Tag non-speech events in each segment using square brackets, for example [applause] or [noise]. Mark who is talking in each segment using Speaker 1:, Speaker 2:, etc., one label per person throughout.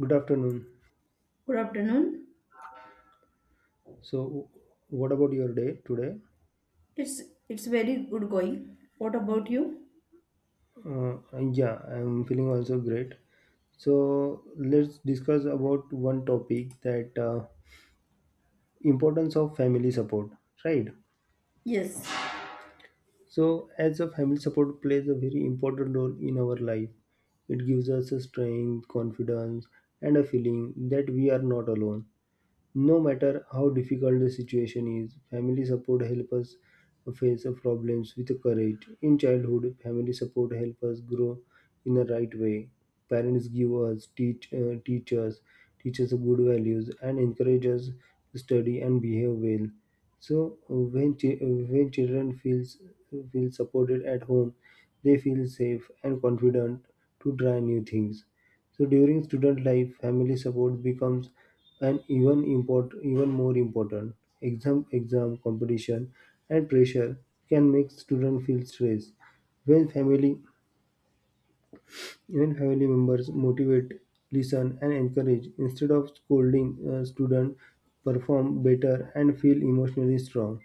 Speaker 1: Good afternoon.
Speaker 2: Good afternoon.
Speaker 1: So, what about your day today?
Speaker 2: It's it's very good going. What about you?
Speaker 1: Uh, yeah, I'm feeling also great. So, let's discuss about one topic that importance of family support, right?
Speaker 2: Yes.
Speaker 1: So, as a family support plays a very important role in our life, it gives us a strength, confidence, and a feeling that we are not alone. No matter how difficult the situation is, family support helps us face the problems with courage. In childhood, family support helps us grow in the right way. Parents give us teach teach us good values and encourage us to study and behave well. So when when children feels feel supported at home, they feel safe and confident to try new things. So during student life, family support becomes an even import even more important. Exam competition and pressure can make student feel stressed. When family Even family members motivate, listen, and encourage. Instead of scolding, students perform better and feel emotionally strong.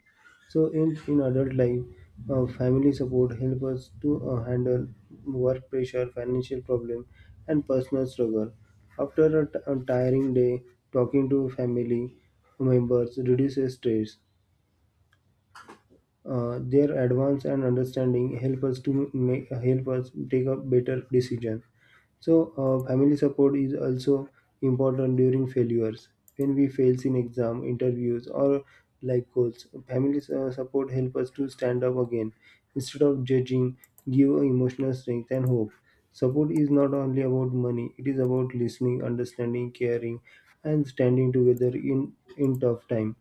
Speaker 1: So, in adult life, family support helps us to handle work pressure, financial problem, and personal struggle. After a tiring day, talking to family members reduces stress. Their advance and understanding help us take a better decision. So, family support is also important during failures. When we fails in exam, interviews, or life goals, family support help us to stand up again. Instead of judging, give emotional strength and hope. Support is not only about money; it is about listening, understanding, caring, and standing together in tough time.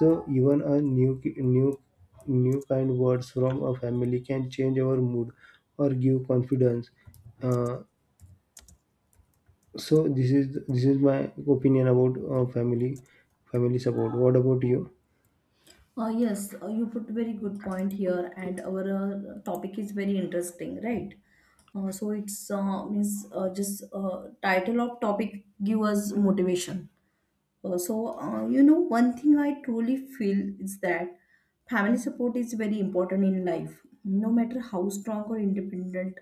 Speaker 1: So, even a new new new kind words from a family can change our mood or give confidence. Uh, so this is my opinion about family support. What about you?
Speaker 2: Yes, you put very good point here, and our topic is very interesting, right? So it's means just Title of topic give us motivation. One thing I truly feel is that family support is very important in life. No matter how strong or independent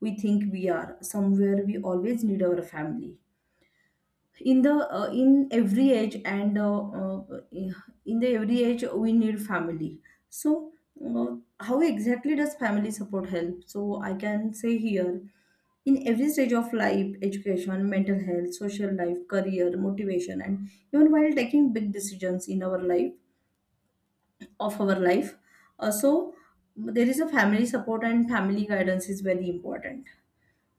Speaker 2: we think we are, somewhere we always need our family in every age, and in the every age we need family. So how exactly does family support help? So I can say here, in every stage of life, education, mental health, social life, career, motivation, and even while taking big decisions in our life of our life. uh, so there is a family support, and family guidance is very important.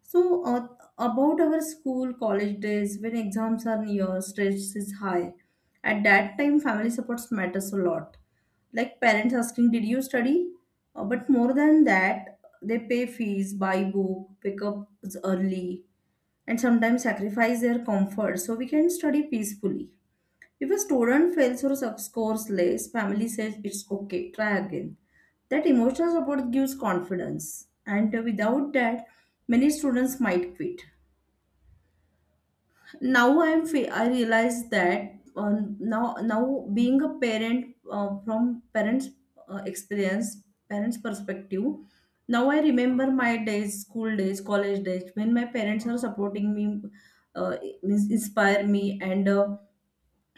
Speaker 2: So, about our school college days, when exams are near, stress is high. At that time, family supports matters a lot. Like parents asking, "Did you study?" But more than that, they pay fees, buy book, pick up early, and sometimes sacrifice their comfort so we can study peacefully. If a student fails or scores less, family says it's okay, try again. That emotional support gives confidence, and without that, many students might quit. Now I realize that now being a parent, from parents' experience, parents' perspective. Now I remember my days, school days, college days, when my parents are supporting me, uh, means inspire me and.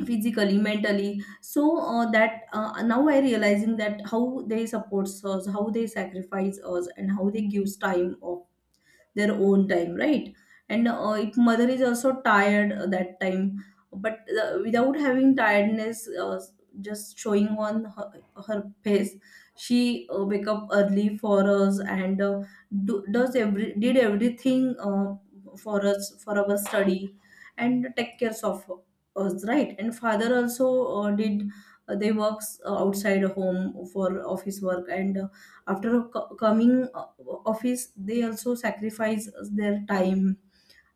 Speaker 2: Physically mentally, so that now I realizing that how they supports us, how they sacrifice us, and how they gives time of their own time, right? And if mother is also tired that time, but without having tiredness, just showing on her, her face, she wake up early for us, and do, does every did everything for us, for our study, and take cares of us, right? And father also did, they works outside home for office work, and after coming office, they also sacrifice their time,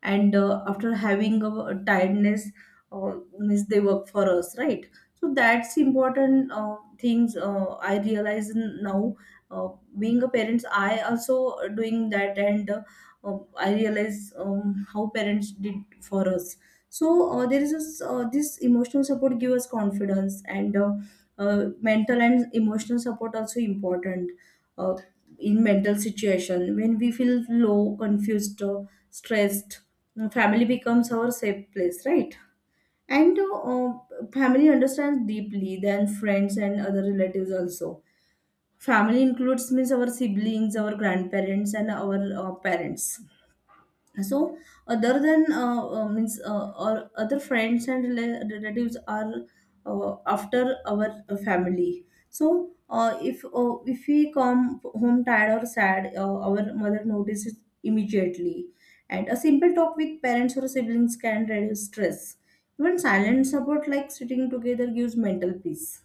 Speaker 2: and after having a tiredness, means they work for us, right? So that's important things I realize now. uh, Being a parents, I also doing that, and I realize how parents did for us. So there is this, this emotional support give us confidence, and mental and emotional support also important. Uh, in mental situation, when we feel low, confused, or stressed, family becomes our safe place, right? And family understands deeply than friends and other relatives also. Family includes means our siblings, our grandparents, and our parents. So other than means or other friends and relatives are after our family. So if we come home tired or sad, our mother notices immediately, and a simple talk with parents or siblings can reduce stress. Even silent support like sitting together gives mental peace.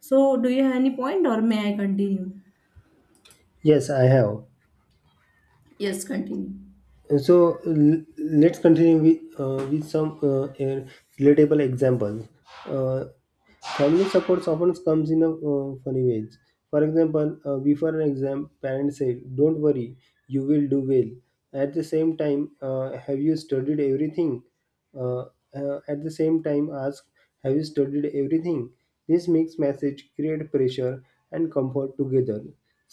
Speaker 2: So do you have any point, or may I continue?
Speaker 1: Yes, I have.
Speaker 2: Yes, continue.
Speaker 1: So let's continue with some a relatable examples. Uh, Family supports often comes in a funny ways. For example, before an exam, parents say, "Don't worry, you will do well." At the same time, have you studied everything? Uh, at the same time, ask, "Have you studied everything?" This mixed message create pressure and comfort together.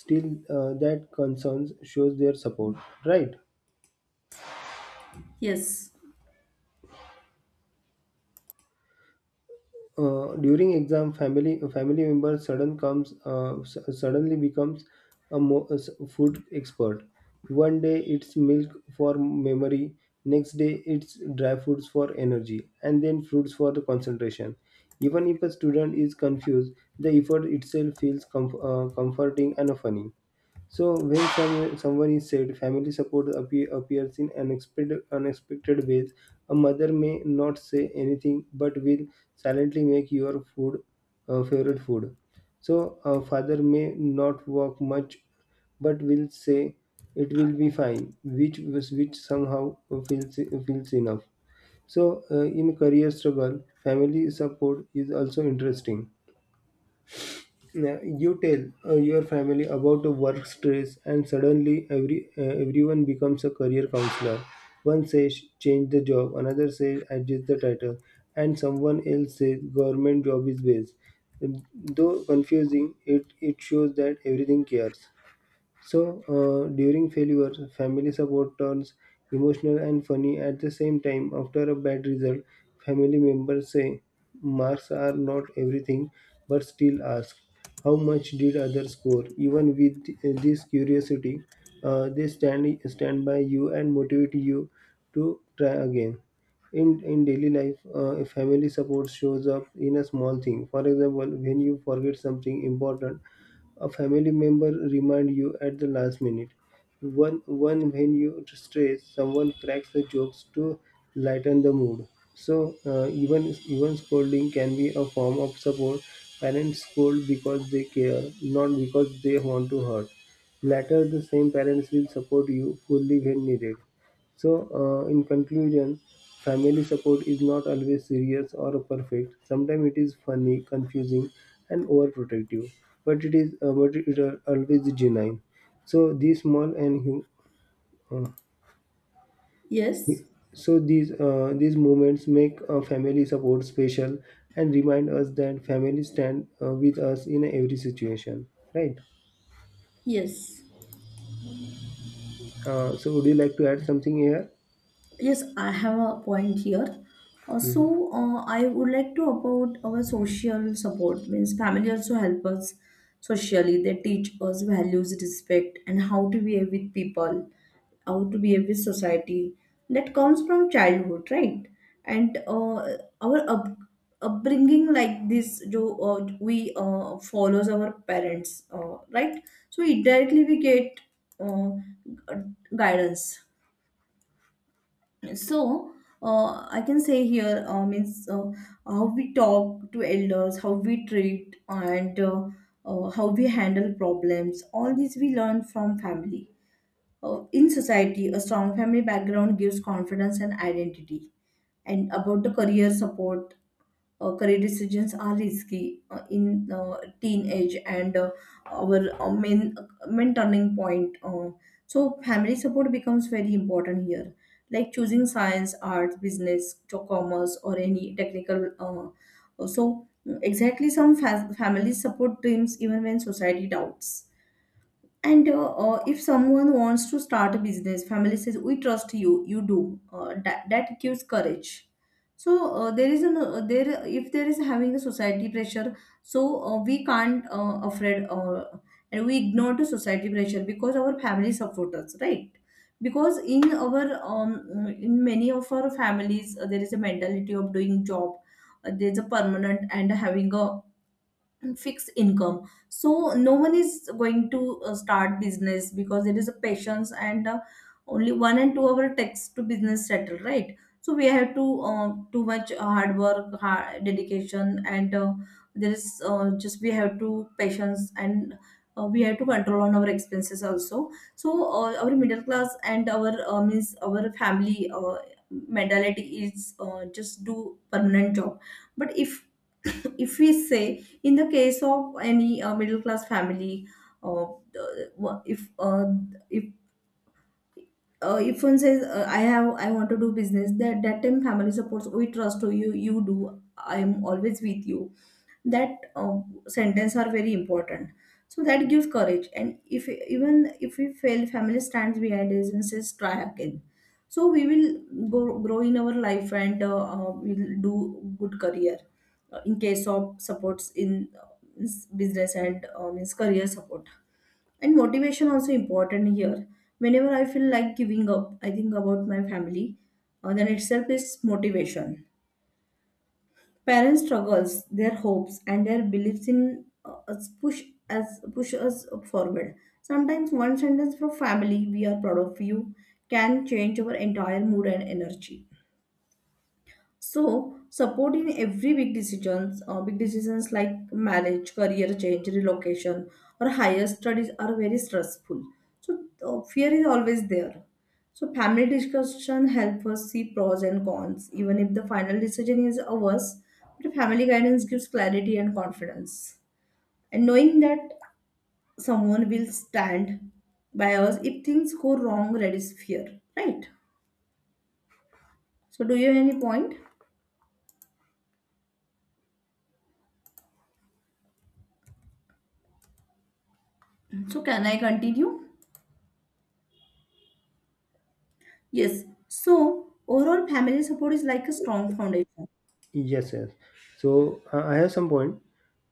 Speaker 1: Still, that concerns shows their support, right?
Speaker 2: Yes.
Speaker 1: During exam, family member suddenly becomes a food expert. One day it's milk for memory, next day it's dry foods for energy, and then fruits for the concentration. Even if a student is confused, the effort itself feels comforting and funny. So when someone is said, family support appears in unexpected ways. A mother may not say anything but will silently make your food favorite food. So a father may not walk much but will say it will be fine, which somehow feels enough. So in career struggle, family support is also interesting. Yeah, you tell your family about the work stress, and suddenly everyone becomes a career counselor. One says change the job, another says adjust the title, and someone else says government job is best. Though confusing, it shows that everything cares. So, during failure, family support turns emotional and funny at the same time. After a bad result, family members say, marks are not everything, but still ask, how much did others score? Even with this curiosity, they stand by you and motivate you to try again. In daily life, family support shows up in a small thing. For example, when you forget something important, a family member remind you at the last minute. One, one When you stress, someone cracks the jokes to lighten the mood. So even even scolding can be a form of support. Parents scold because they care, not because they want to hurt. Later, the same parents will support you fully when needed. So, in conclusion, family support is not always serious or perfect. Sometimes it is funny, confusing, and overprotective, but it is but it are always genuine. So these small and hu- uh,
Speaker 2: Yes,
Speaker 1: so these moments make family support special and remind us that family stand with us in every situation. Right.
Speaker 2: yes.
Speaker 1: So would you like to add something here?
Speaker 2: Yes, I have a point here.
Speaker 1: Mhm.
Speaker 2: I would like to about our social support. Means family also help us socially. They teach us values, respect, and how to behave with people, how to behave with society. That comes from childhood, right? And our up, upbringing like this, jo, we follows our parents, right? So indirectly we get uh, guidance. So I can say here, means how we talk to elders, how we treat, and how we handle problems, all these we learn from family. In society, a strong family background gives confidence and identity. And about the career support, career decisions are risky in teenage, and our main turning point. So family support becomes very important here, like choosing science, arts, business, to commerce, or any technical. Exactly, some families support dreams even when society doubts. And if someone wants to start a business, family says, "We trust you. You do." That gives courage. So there is an there if there is having a society pressure, so we can't afraid, and we ignore the society pressure because our family support us, right? Because in many of our families, there is a mentality of doing job. There's a permanent and having a fixed income. So no one is going to start business because it is a patience, and only 1 and 2 hour takes to business settle, right? So we have to too much hard work, hard dedication, and there is just we have to patience, and we have to control on our expenses also. So our middle class and our means our family mentality is just do permanent job. But if [coughs] if we say, in the case of any middle class family, uh, the- if uh, if if one says, "I want to do business," that that time family supports, "We trust you. You do. I'm always with you." That sentence are very important. So that gives courage, and if even if we fail, family stands behind us and says, "Try again." So we will grow in our life, and we'll do good career. In case of supports in, means business, and means career support and motivation also important here. Whenever I feel like giving up, I think about my family, then itself is motivation. Parents struggles, their hopes, and their beliefs in us push us forward. Sometimes one sentence from family, "We are proud of you," can change our entire mood and energy. So support in every big decisions like marriage, career change, relocation, or higher studies are very stressful. So fear is always there. So family discussion help us see pros and cons, even if the final decision is ours. But family guidance gives clarity and confidence, and knowing that someone will stand by us if things go wrong reduces fear. Right. So do you have any point? So can I continue? Yes. So overall family support is like a strong foundation.
Speaker 1: Yes, yes. So I have some point.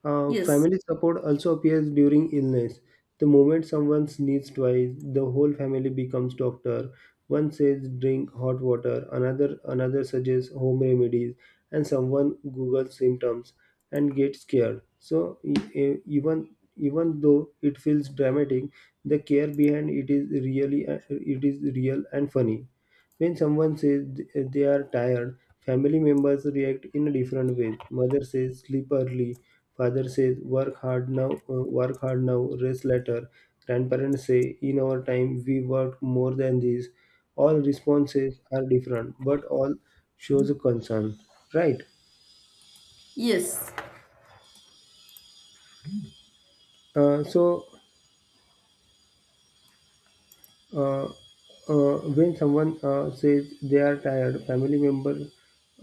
Speaker 2: Yes.
Speaker 1: Family support also appears during illness. The moment someone sneezes twice, the whole family becomes doctor. One says drink hot water, another suggests home remedies, and someone Googles symptoms and gets scared. So even even though it feels dramatic, the care behind it is really it is real and funny. When someone says they are tired, family members react in a different way. Mother says sleep early, father says work hard now, rest later. Grandparents say in our time we worked more than this. All responses are different, but all shows a concern, right?
Speaker 2: Yes.
Speaker 1: So uh, when someone says they are tired, family member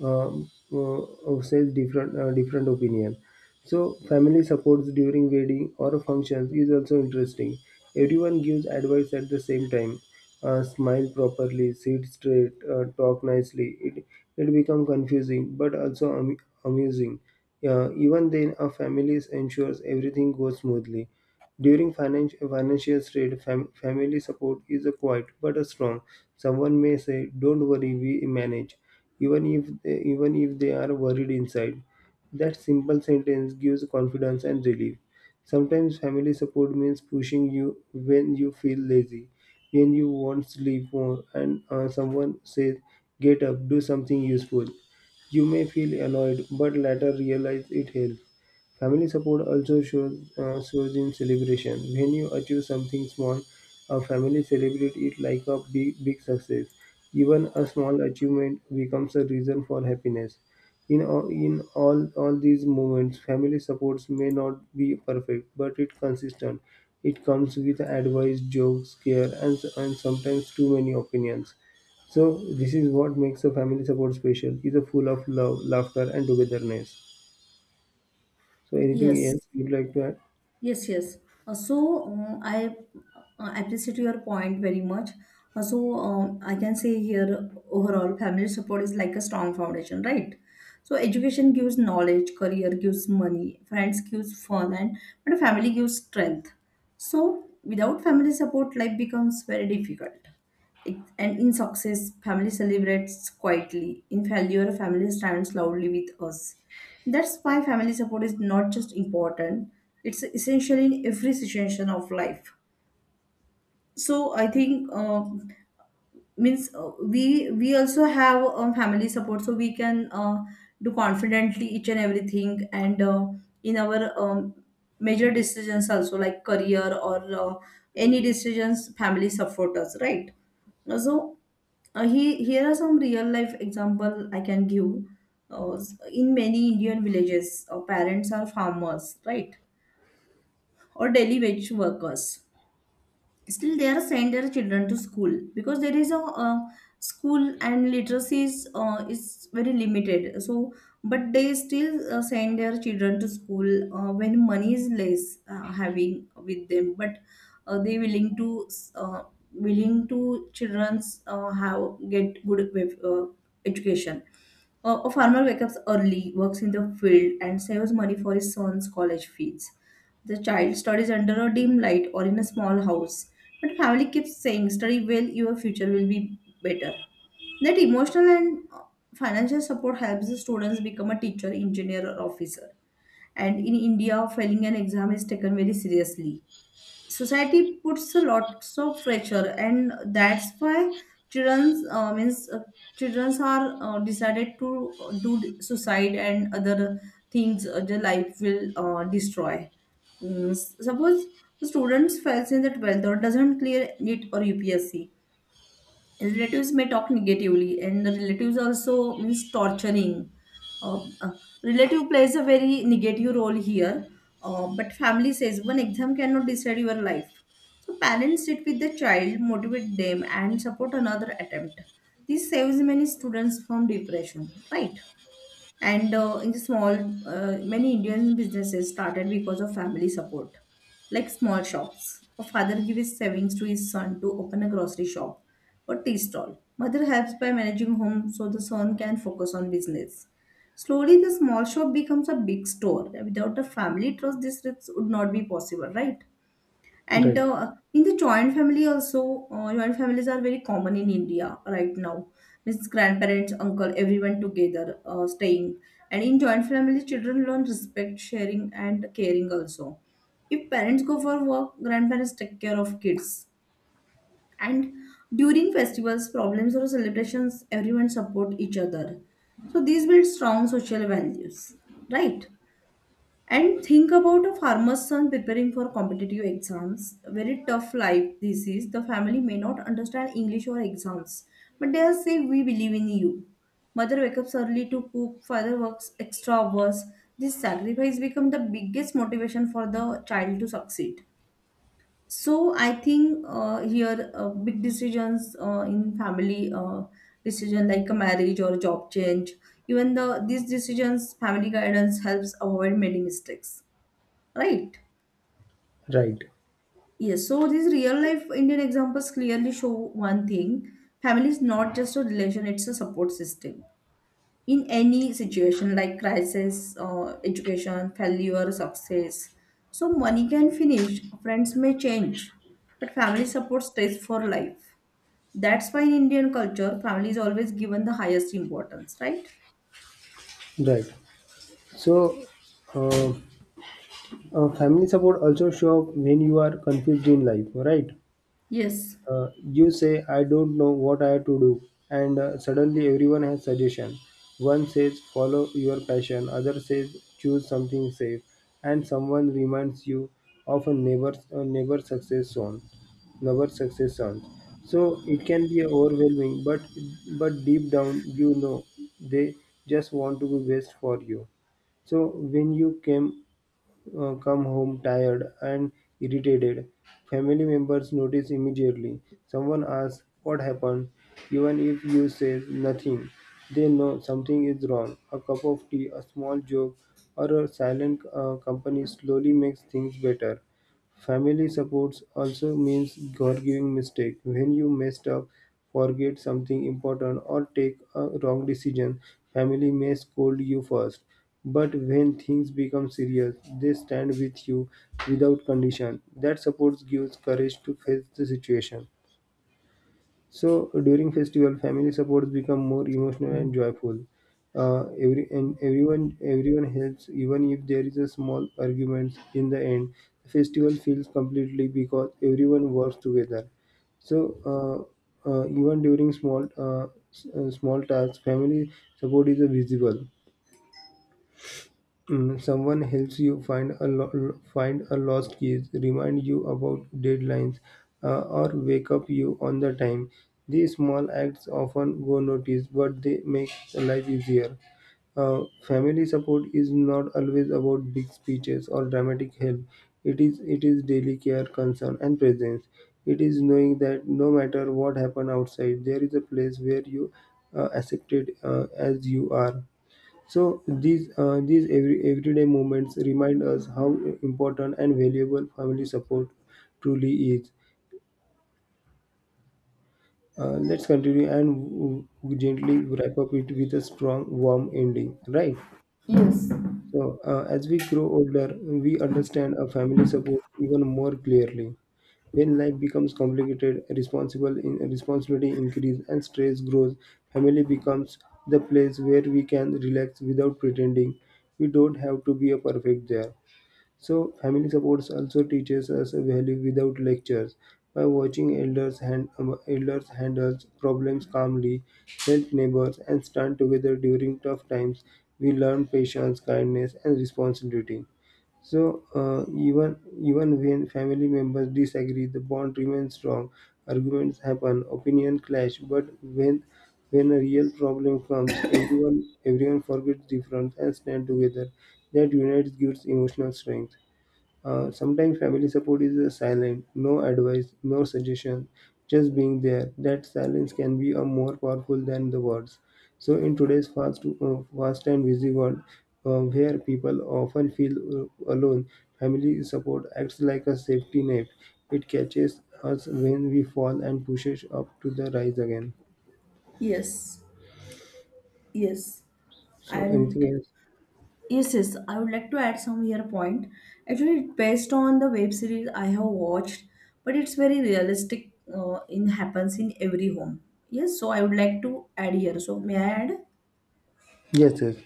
Speaker 1: says different opinion. So family supports during wedding or functions is also interesting. Everyone gives advice at the same time. Smile properly, sit straight, talk nicely. It become confusing but also amusing. Even then, a family ensures everything goes smoothly. During financial strain, family support is a quiet but a strong. Someone may say, "Don't worry, we manage," even if even if they are worried inside. That simple sentence gives confidence and relief. Sometimes family support means pushing you when you feel lazy, when you want sleep more, and someone says, "Get up, do something useful." You may feel annoyed, but later realize it helps. Family support also shows in celebration. When you achieve something small, a family celebrates it like a big success. Even a small achievement becomes a reason for happiness. All these moments, family supports may not be perfect, but it's consistent. It comes with advice, jokes, care, and sometimes too many opinions. So this is what makes a family support special. It's a full of love, laughter, and togetherness. So anything
Speaker 2: Yes.
Speaker 1: else you'd like to add?
Speaker 2: Yes, yes. I appreciate your point very much. I can say here, overall family support is like a strong foundation, right? So education gives knowledge, career gives money, friends gives fun, and but family gives strength. So without family support, life becomes very difficult. It- and in success, family celebrates quietly. In failure, family stands loudly with us. That's why family support is not just important, it's essential in every situation of life. So I think means we also have family support, so we can do confidently each and everything, and in our major decisions also like career, or any decisions, family support us, right? So here are some real life example I can give. Uh, in many Indian villages, parents are farmers, right? Or daily wage workers, still they are send their children to school, because there is a, school and literacy is very limited. So but they still send their children to school when money is less having with them, but they willing to uh, willing to children's have get good uh, education. A farmer wakes up early, works in the field, and saves money for his son's college fees. The child studies under a dim light or in a small house, but family keeps saying, "Study well, your future will be better." That emotional and financial support helps the students become a teacher, engineer, or officer. And in India, failing an exam is taken very seriously. Society puts a lots of pressure, and that's why children's means children's are decided to do suicide and other things, their life will destroy. Suppose the students fails in the 12th or doesn't clear NEET or UPSC, relatives may talk negatively, and the relatives also means torturing. uh, uh, Relative plays a very negative role here. But family says one exam cannot decide your life, so parents sit with the child, motivate them, and support another attempt. This saves many students from depression, right? And uh, in the small uh, many Indian businesses started because of family support, like small shops. A father gives his savings to his son to open a grocery shop or tea stall. Mother helps by managing home so the son can focus on business. Slowly the small shop becomes a big store. Without a family trust, this risk would not be possible, right? and
Speaker 1: Right,
Speaker 2: uh, in the joint family also, joint families are very common in India right now. Means grandparents, uncle, everyone together staying. And in joint family, children learn respect, sharing, and caring also. If parents go for work, grandparents take care of kids. And during festivals, problems, or celebrations, everyone support each other. So these build strong social values, right? And think about a farmer's son preparing for competitive exams. Very tough life this is. The family may not understand English or exams, but they'll say, "We believe in you." Mother wakes up early to cook, father works extra hours. This sacrifice becomes the biggest motivation for the child to succeed. So I think here big decisions in family, decision like a marriage or a job change, even these decisions, family guidance helps avoid many mistakes. Right.
Speaker 1: right,
Speaker 2: Yes. So these real life Indian examples clearly show one thing. Family is not just a relation, it's a support system. In any situation like crisis, education, failure, success. So money can finish, friends may change, but family support stays for life. That's why in Indian culture, family is always given the highest importance, right?
Speaker 1: right. So uh, family support also show up when you are confused in life, right?
Speaker 2: Yes.
Speaker 1: You say, I don't know what I have to do, and suddenly everyone has suggestion. One says, follow your passion, other says, choose something safe, and someone reminds you of a neighbor success zone, neighbor success zones. So it can be overwhelming, but deep down you know they just want to be best for you. So when you came come home tired and irritated. Family members notice immediately. Someone asks what happened, even if you say nothing. They know something is wrong. A cup of tea, a small joke, or a silent company slowly makes things better. Family supports also means forgiving mistake. When you messed up, forget something important, or take a wrong decision, family may scold you first. But when things become serious, they stand with you without condition. That support gives courage to face the situation. So during festival, family supports become more emotional and joyful. Every and everyone helps, even if there is a small argument in the end. The festival feels completely because everyone works together. So even during small tasks, family support is a visible. Mm, someone helps you find a lost keys, remind you about deadlines, or wake up you on the time. These small acts often go noticed, but they make life easier. Uh, Family support is not always about big speeches or dramatic help. It is daily care, concern, and presence. It is knowing that no matter what happens outside, there is a place where you accepted as you are. So these every, everyday moments remind us how important and valuable family support truly is. Let's continue and gently wrap up it with a strong, warm ending, right?
Speaker 2: Yes.
Speaker 1: So as we grow older, we understand our family support even more clearly. When life becomes complicated, responsibility increase and stress grows, family becomes the place where we can relax without pretending we don't have to be a perfect there. So, family supports also teaches us a value without lectures. By watching elders handle problems calmly, help neighbors, and stand together during tough times, we learn patience, kindness, and responsibility. So, even even when family members disagree, the bond remains strong. Arguments happen, opinion clash, but when a real problem comes, everyone forgets difference and stand together. That unites gives emotional strength. Sometimes family support is silent, no advice, no suggestion, just being there. That silence can be more powerful than the words. So, in today's fast and busy world, where people often feel alone, family support acts like a safety net. It catches us when we fall and pushes up to the rise again.
Speaker 2: Yes, yes.
Speaker 1: So, anything
Speaker 2: And
Speaker 1: else?
Speaker 2: yes, yes, I would like to add some here point. Actually, it's based on the web series I have watched, but it's very realistic. In happens in every home. Yes, so I would like to add here. So may I add?
Speaker 1: Yes, yes.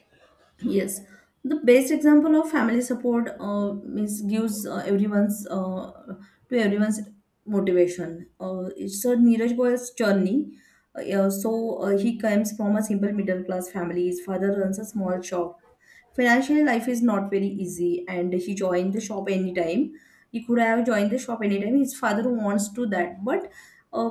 Speaker 2: Yes, the best example of family support is gives everyone's to everyone's motivation. It's a Neeraj Goyal's journey. He comes from a simple middle class family. His father runs a small shop. Financial life is not very easy, and he joined the shop anytime. He could have joined the shop anytime. His father wants to that, but uh,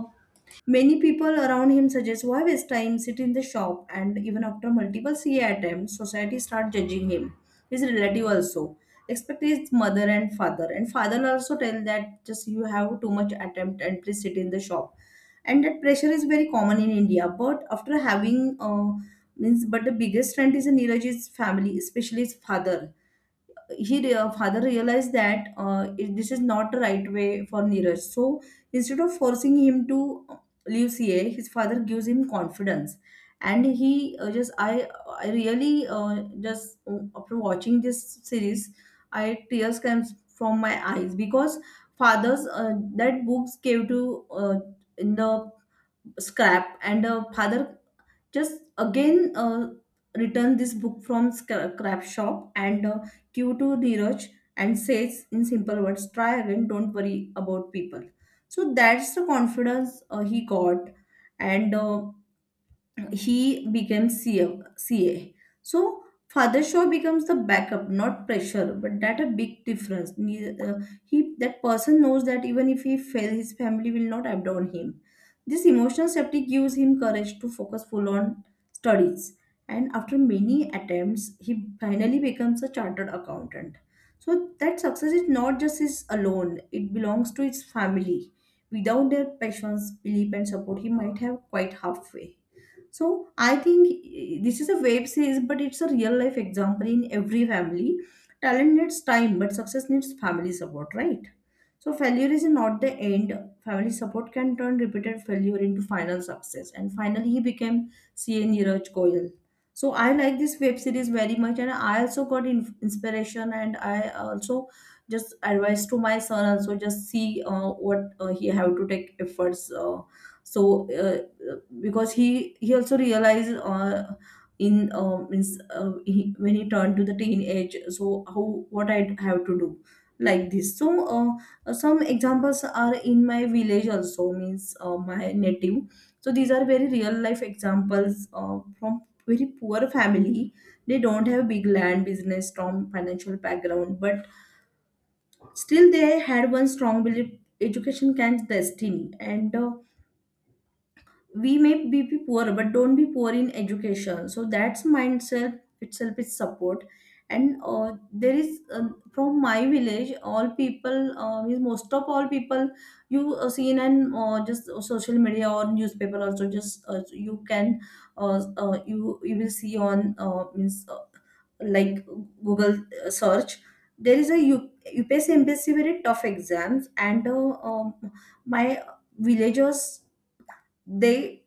Speaker 2: many people around him suggest why waste time, sit in the shop, and even after multiple CA attempts, society start judging him. His relative also, especially his mother and father also tell that just you have too much attempt and please sit in the shop. And that pressure is very common in India. But but the biggest strength is in Neeraj's family, especially his father. Father realized that this is not the right way for Neeraj. So instead of forcing him to leave CA, his father gives him confidence, and he just I really, just after watching this series, I tears comes from my eyes because fathers that books gave to in the scrap, and father just again return this book from scrap shop and cue to Neeraj, and says in simple words, "Try again, don't worry about people." So that's the confidence he got. And he becomes CA. So father Shaw becomes the backup, not pressure, but that a big difference. He that person knows that even if he fail, his family will not abandon him. This emotional safety gives him courage to focus full on studies. And after many attempts, he finally becomes a chartered accountant. So that success is not just his alone; it belongs to his family. Without their passions, belief, and support, he might have quite halfway. So I think eh, this is a web series, but it's a real life example in every family. Talent needs time, but success needs family support, right? So failure is not the end. Family support can turn repeated failure into final success. And finally, he became CA Neeraj Goyal. So I like this web series very much, and I also got inspiration, and I also just advice to my son also just see what he have to take efforts. So because he also realized he, when he turned to the teenage, so how what I have to do like this. Some examples are in my village also, means my native. So these are very real life examples from very poor family. They don't have big land, business, strong financial background, but still they had one strong belief: education can destiny. And We may be poor, but don't be poor in education. So that's mindset itself is support. And there is From my village, all people, means most of all people, you see in an just social media or newspaper also. Just You can you will see on means like google search. There is a UPSC, MPSC, very tough exams, and my villagers, they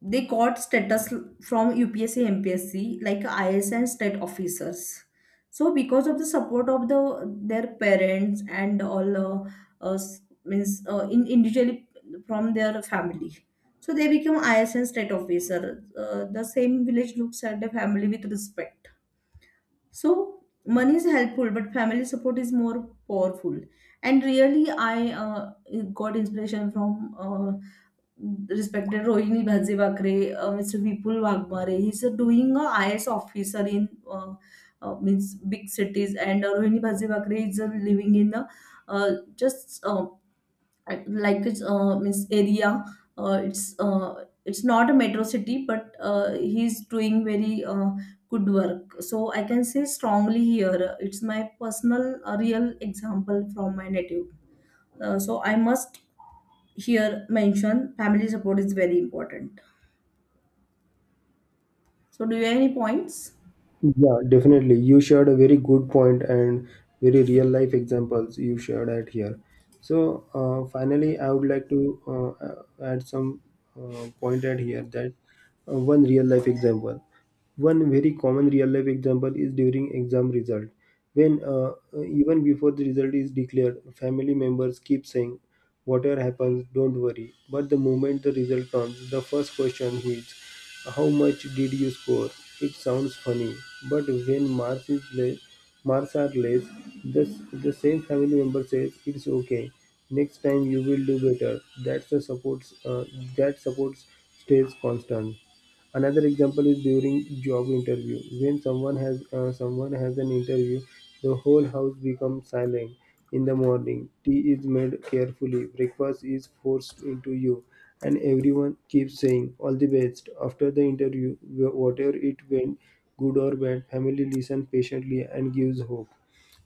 Speaker 2: they got status from UPSC, MPSC, like IS and state officers. So because of the support of their parents and all, us means in, individually from their family, so they become IS and state officer. The same village looks at the family with respect. So money is helpful, but family support is more powerful. And really, I got inspiration from respected Rohini Bhase-Bakre, Mr. Vipul Wagmare. He's doing a IS officer in means big cities, and Rohini Bhase-Bakre is living in a uh, just like it's means area. It's not a metro city, but he's doing very good work. So I can say strongly here. It's my personal real example from my native. So I must here mention family support is very important. So, do you have any points?
Speaker 1: Yeah, definitely. You shared a very good point and very real life examples you shared at here. So, finally, I would like to add some point at here that one real life example. One very common real life example is during exam result. When even before the result is declared, family members keep saying, whatever happens, don't worry. But the moment the result comes, the first question is, how much did you score? It sounds funny, but when marks is less, marks are less, the, the same family member says, it's okay. Next time you will do better. That's the supports. That supports stays constant. Another example is during job interview. When someone has an interview, the whole house becomes silent. In the morning, tea is made carefully, breakfast is forced into you, and everyone keeps saying all the best. After the interview, whatever it went, good or bad, family listens patiently and gives hope.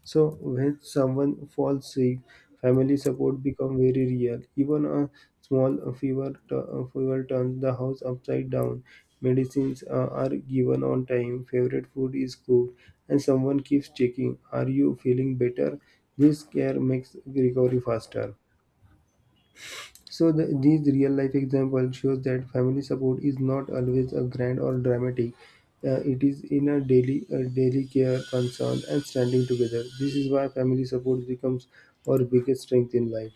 Speaker 1: So when someone falls sick, family support become very real. Even a fever turns the house upside down. Medicines are given on time. Favorite food is cooked, and someone keeps checking, "Are you feeling better?" This care makes recovery faster. So these real life examples shows that family support is not always a grand or dramatic. It is in a daily care, concern, and standing together. This is why family support becomes our biggest strength in life.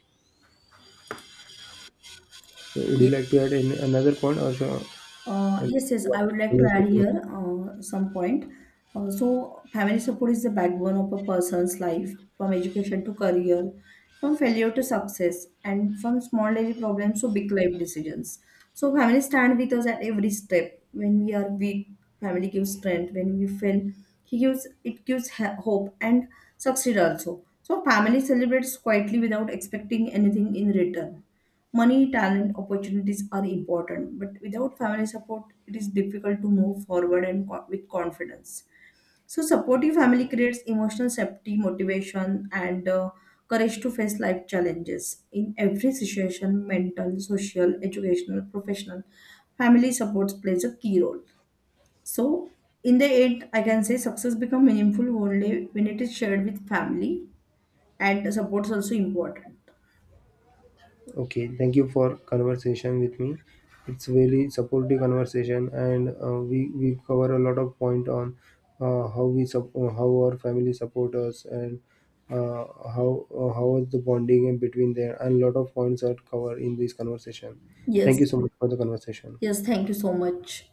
Speaker 1: So would you like to add another point, or shall I-
Speaker 2: Yes, yes, I would like to add here some point. So, family support is the backbone of a person's life, from education to career, from failure to success, and from small daily problems to big life decisions. So, family stand with us at every step. When we are weak, family gives strength. When we fail, he gives it gives hope and succeed also. So, family celebrates quietly without expecting anything in return. Money, talent, opportunities are important, but without family support, it is difficult to move forward and co- with confidence. So, supportive family creates emotional safety, motivation, and courage to face life challenges in every situation: mental, social, educational, professional. Family support plays a key role. So, in the end, I can say success becomes meaningful only when it is shared with family, and support is also important.
Speaker 1: Okay, thank you for conversation with me. It's really supportive conversation, and we cover a lot of point on how our family support us and uh, how is the bonding in between there, and a lot of points are covered in this conversation. Thank
Speaker 2: Yes,
Speaker 1: you so much for the conversation.
Speaker 2: yes, thank you so much.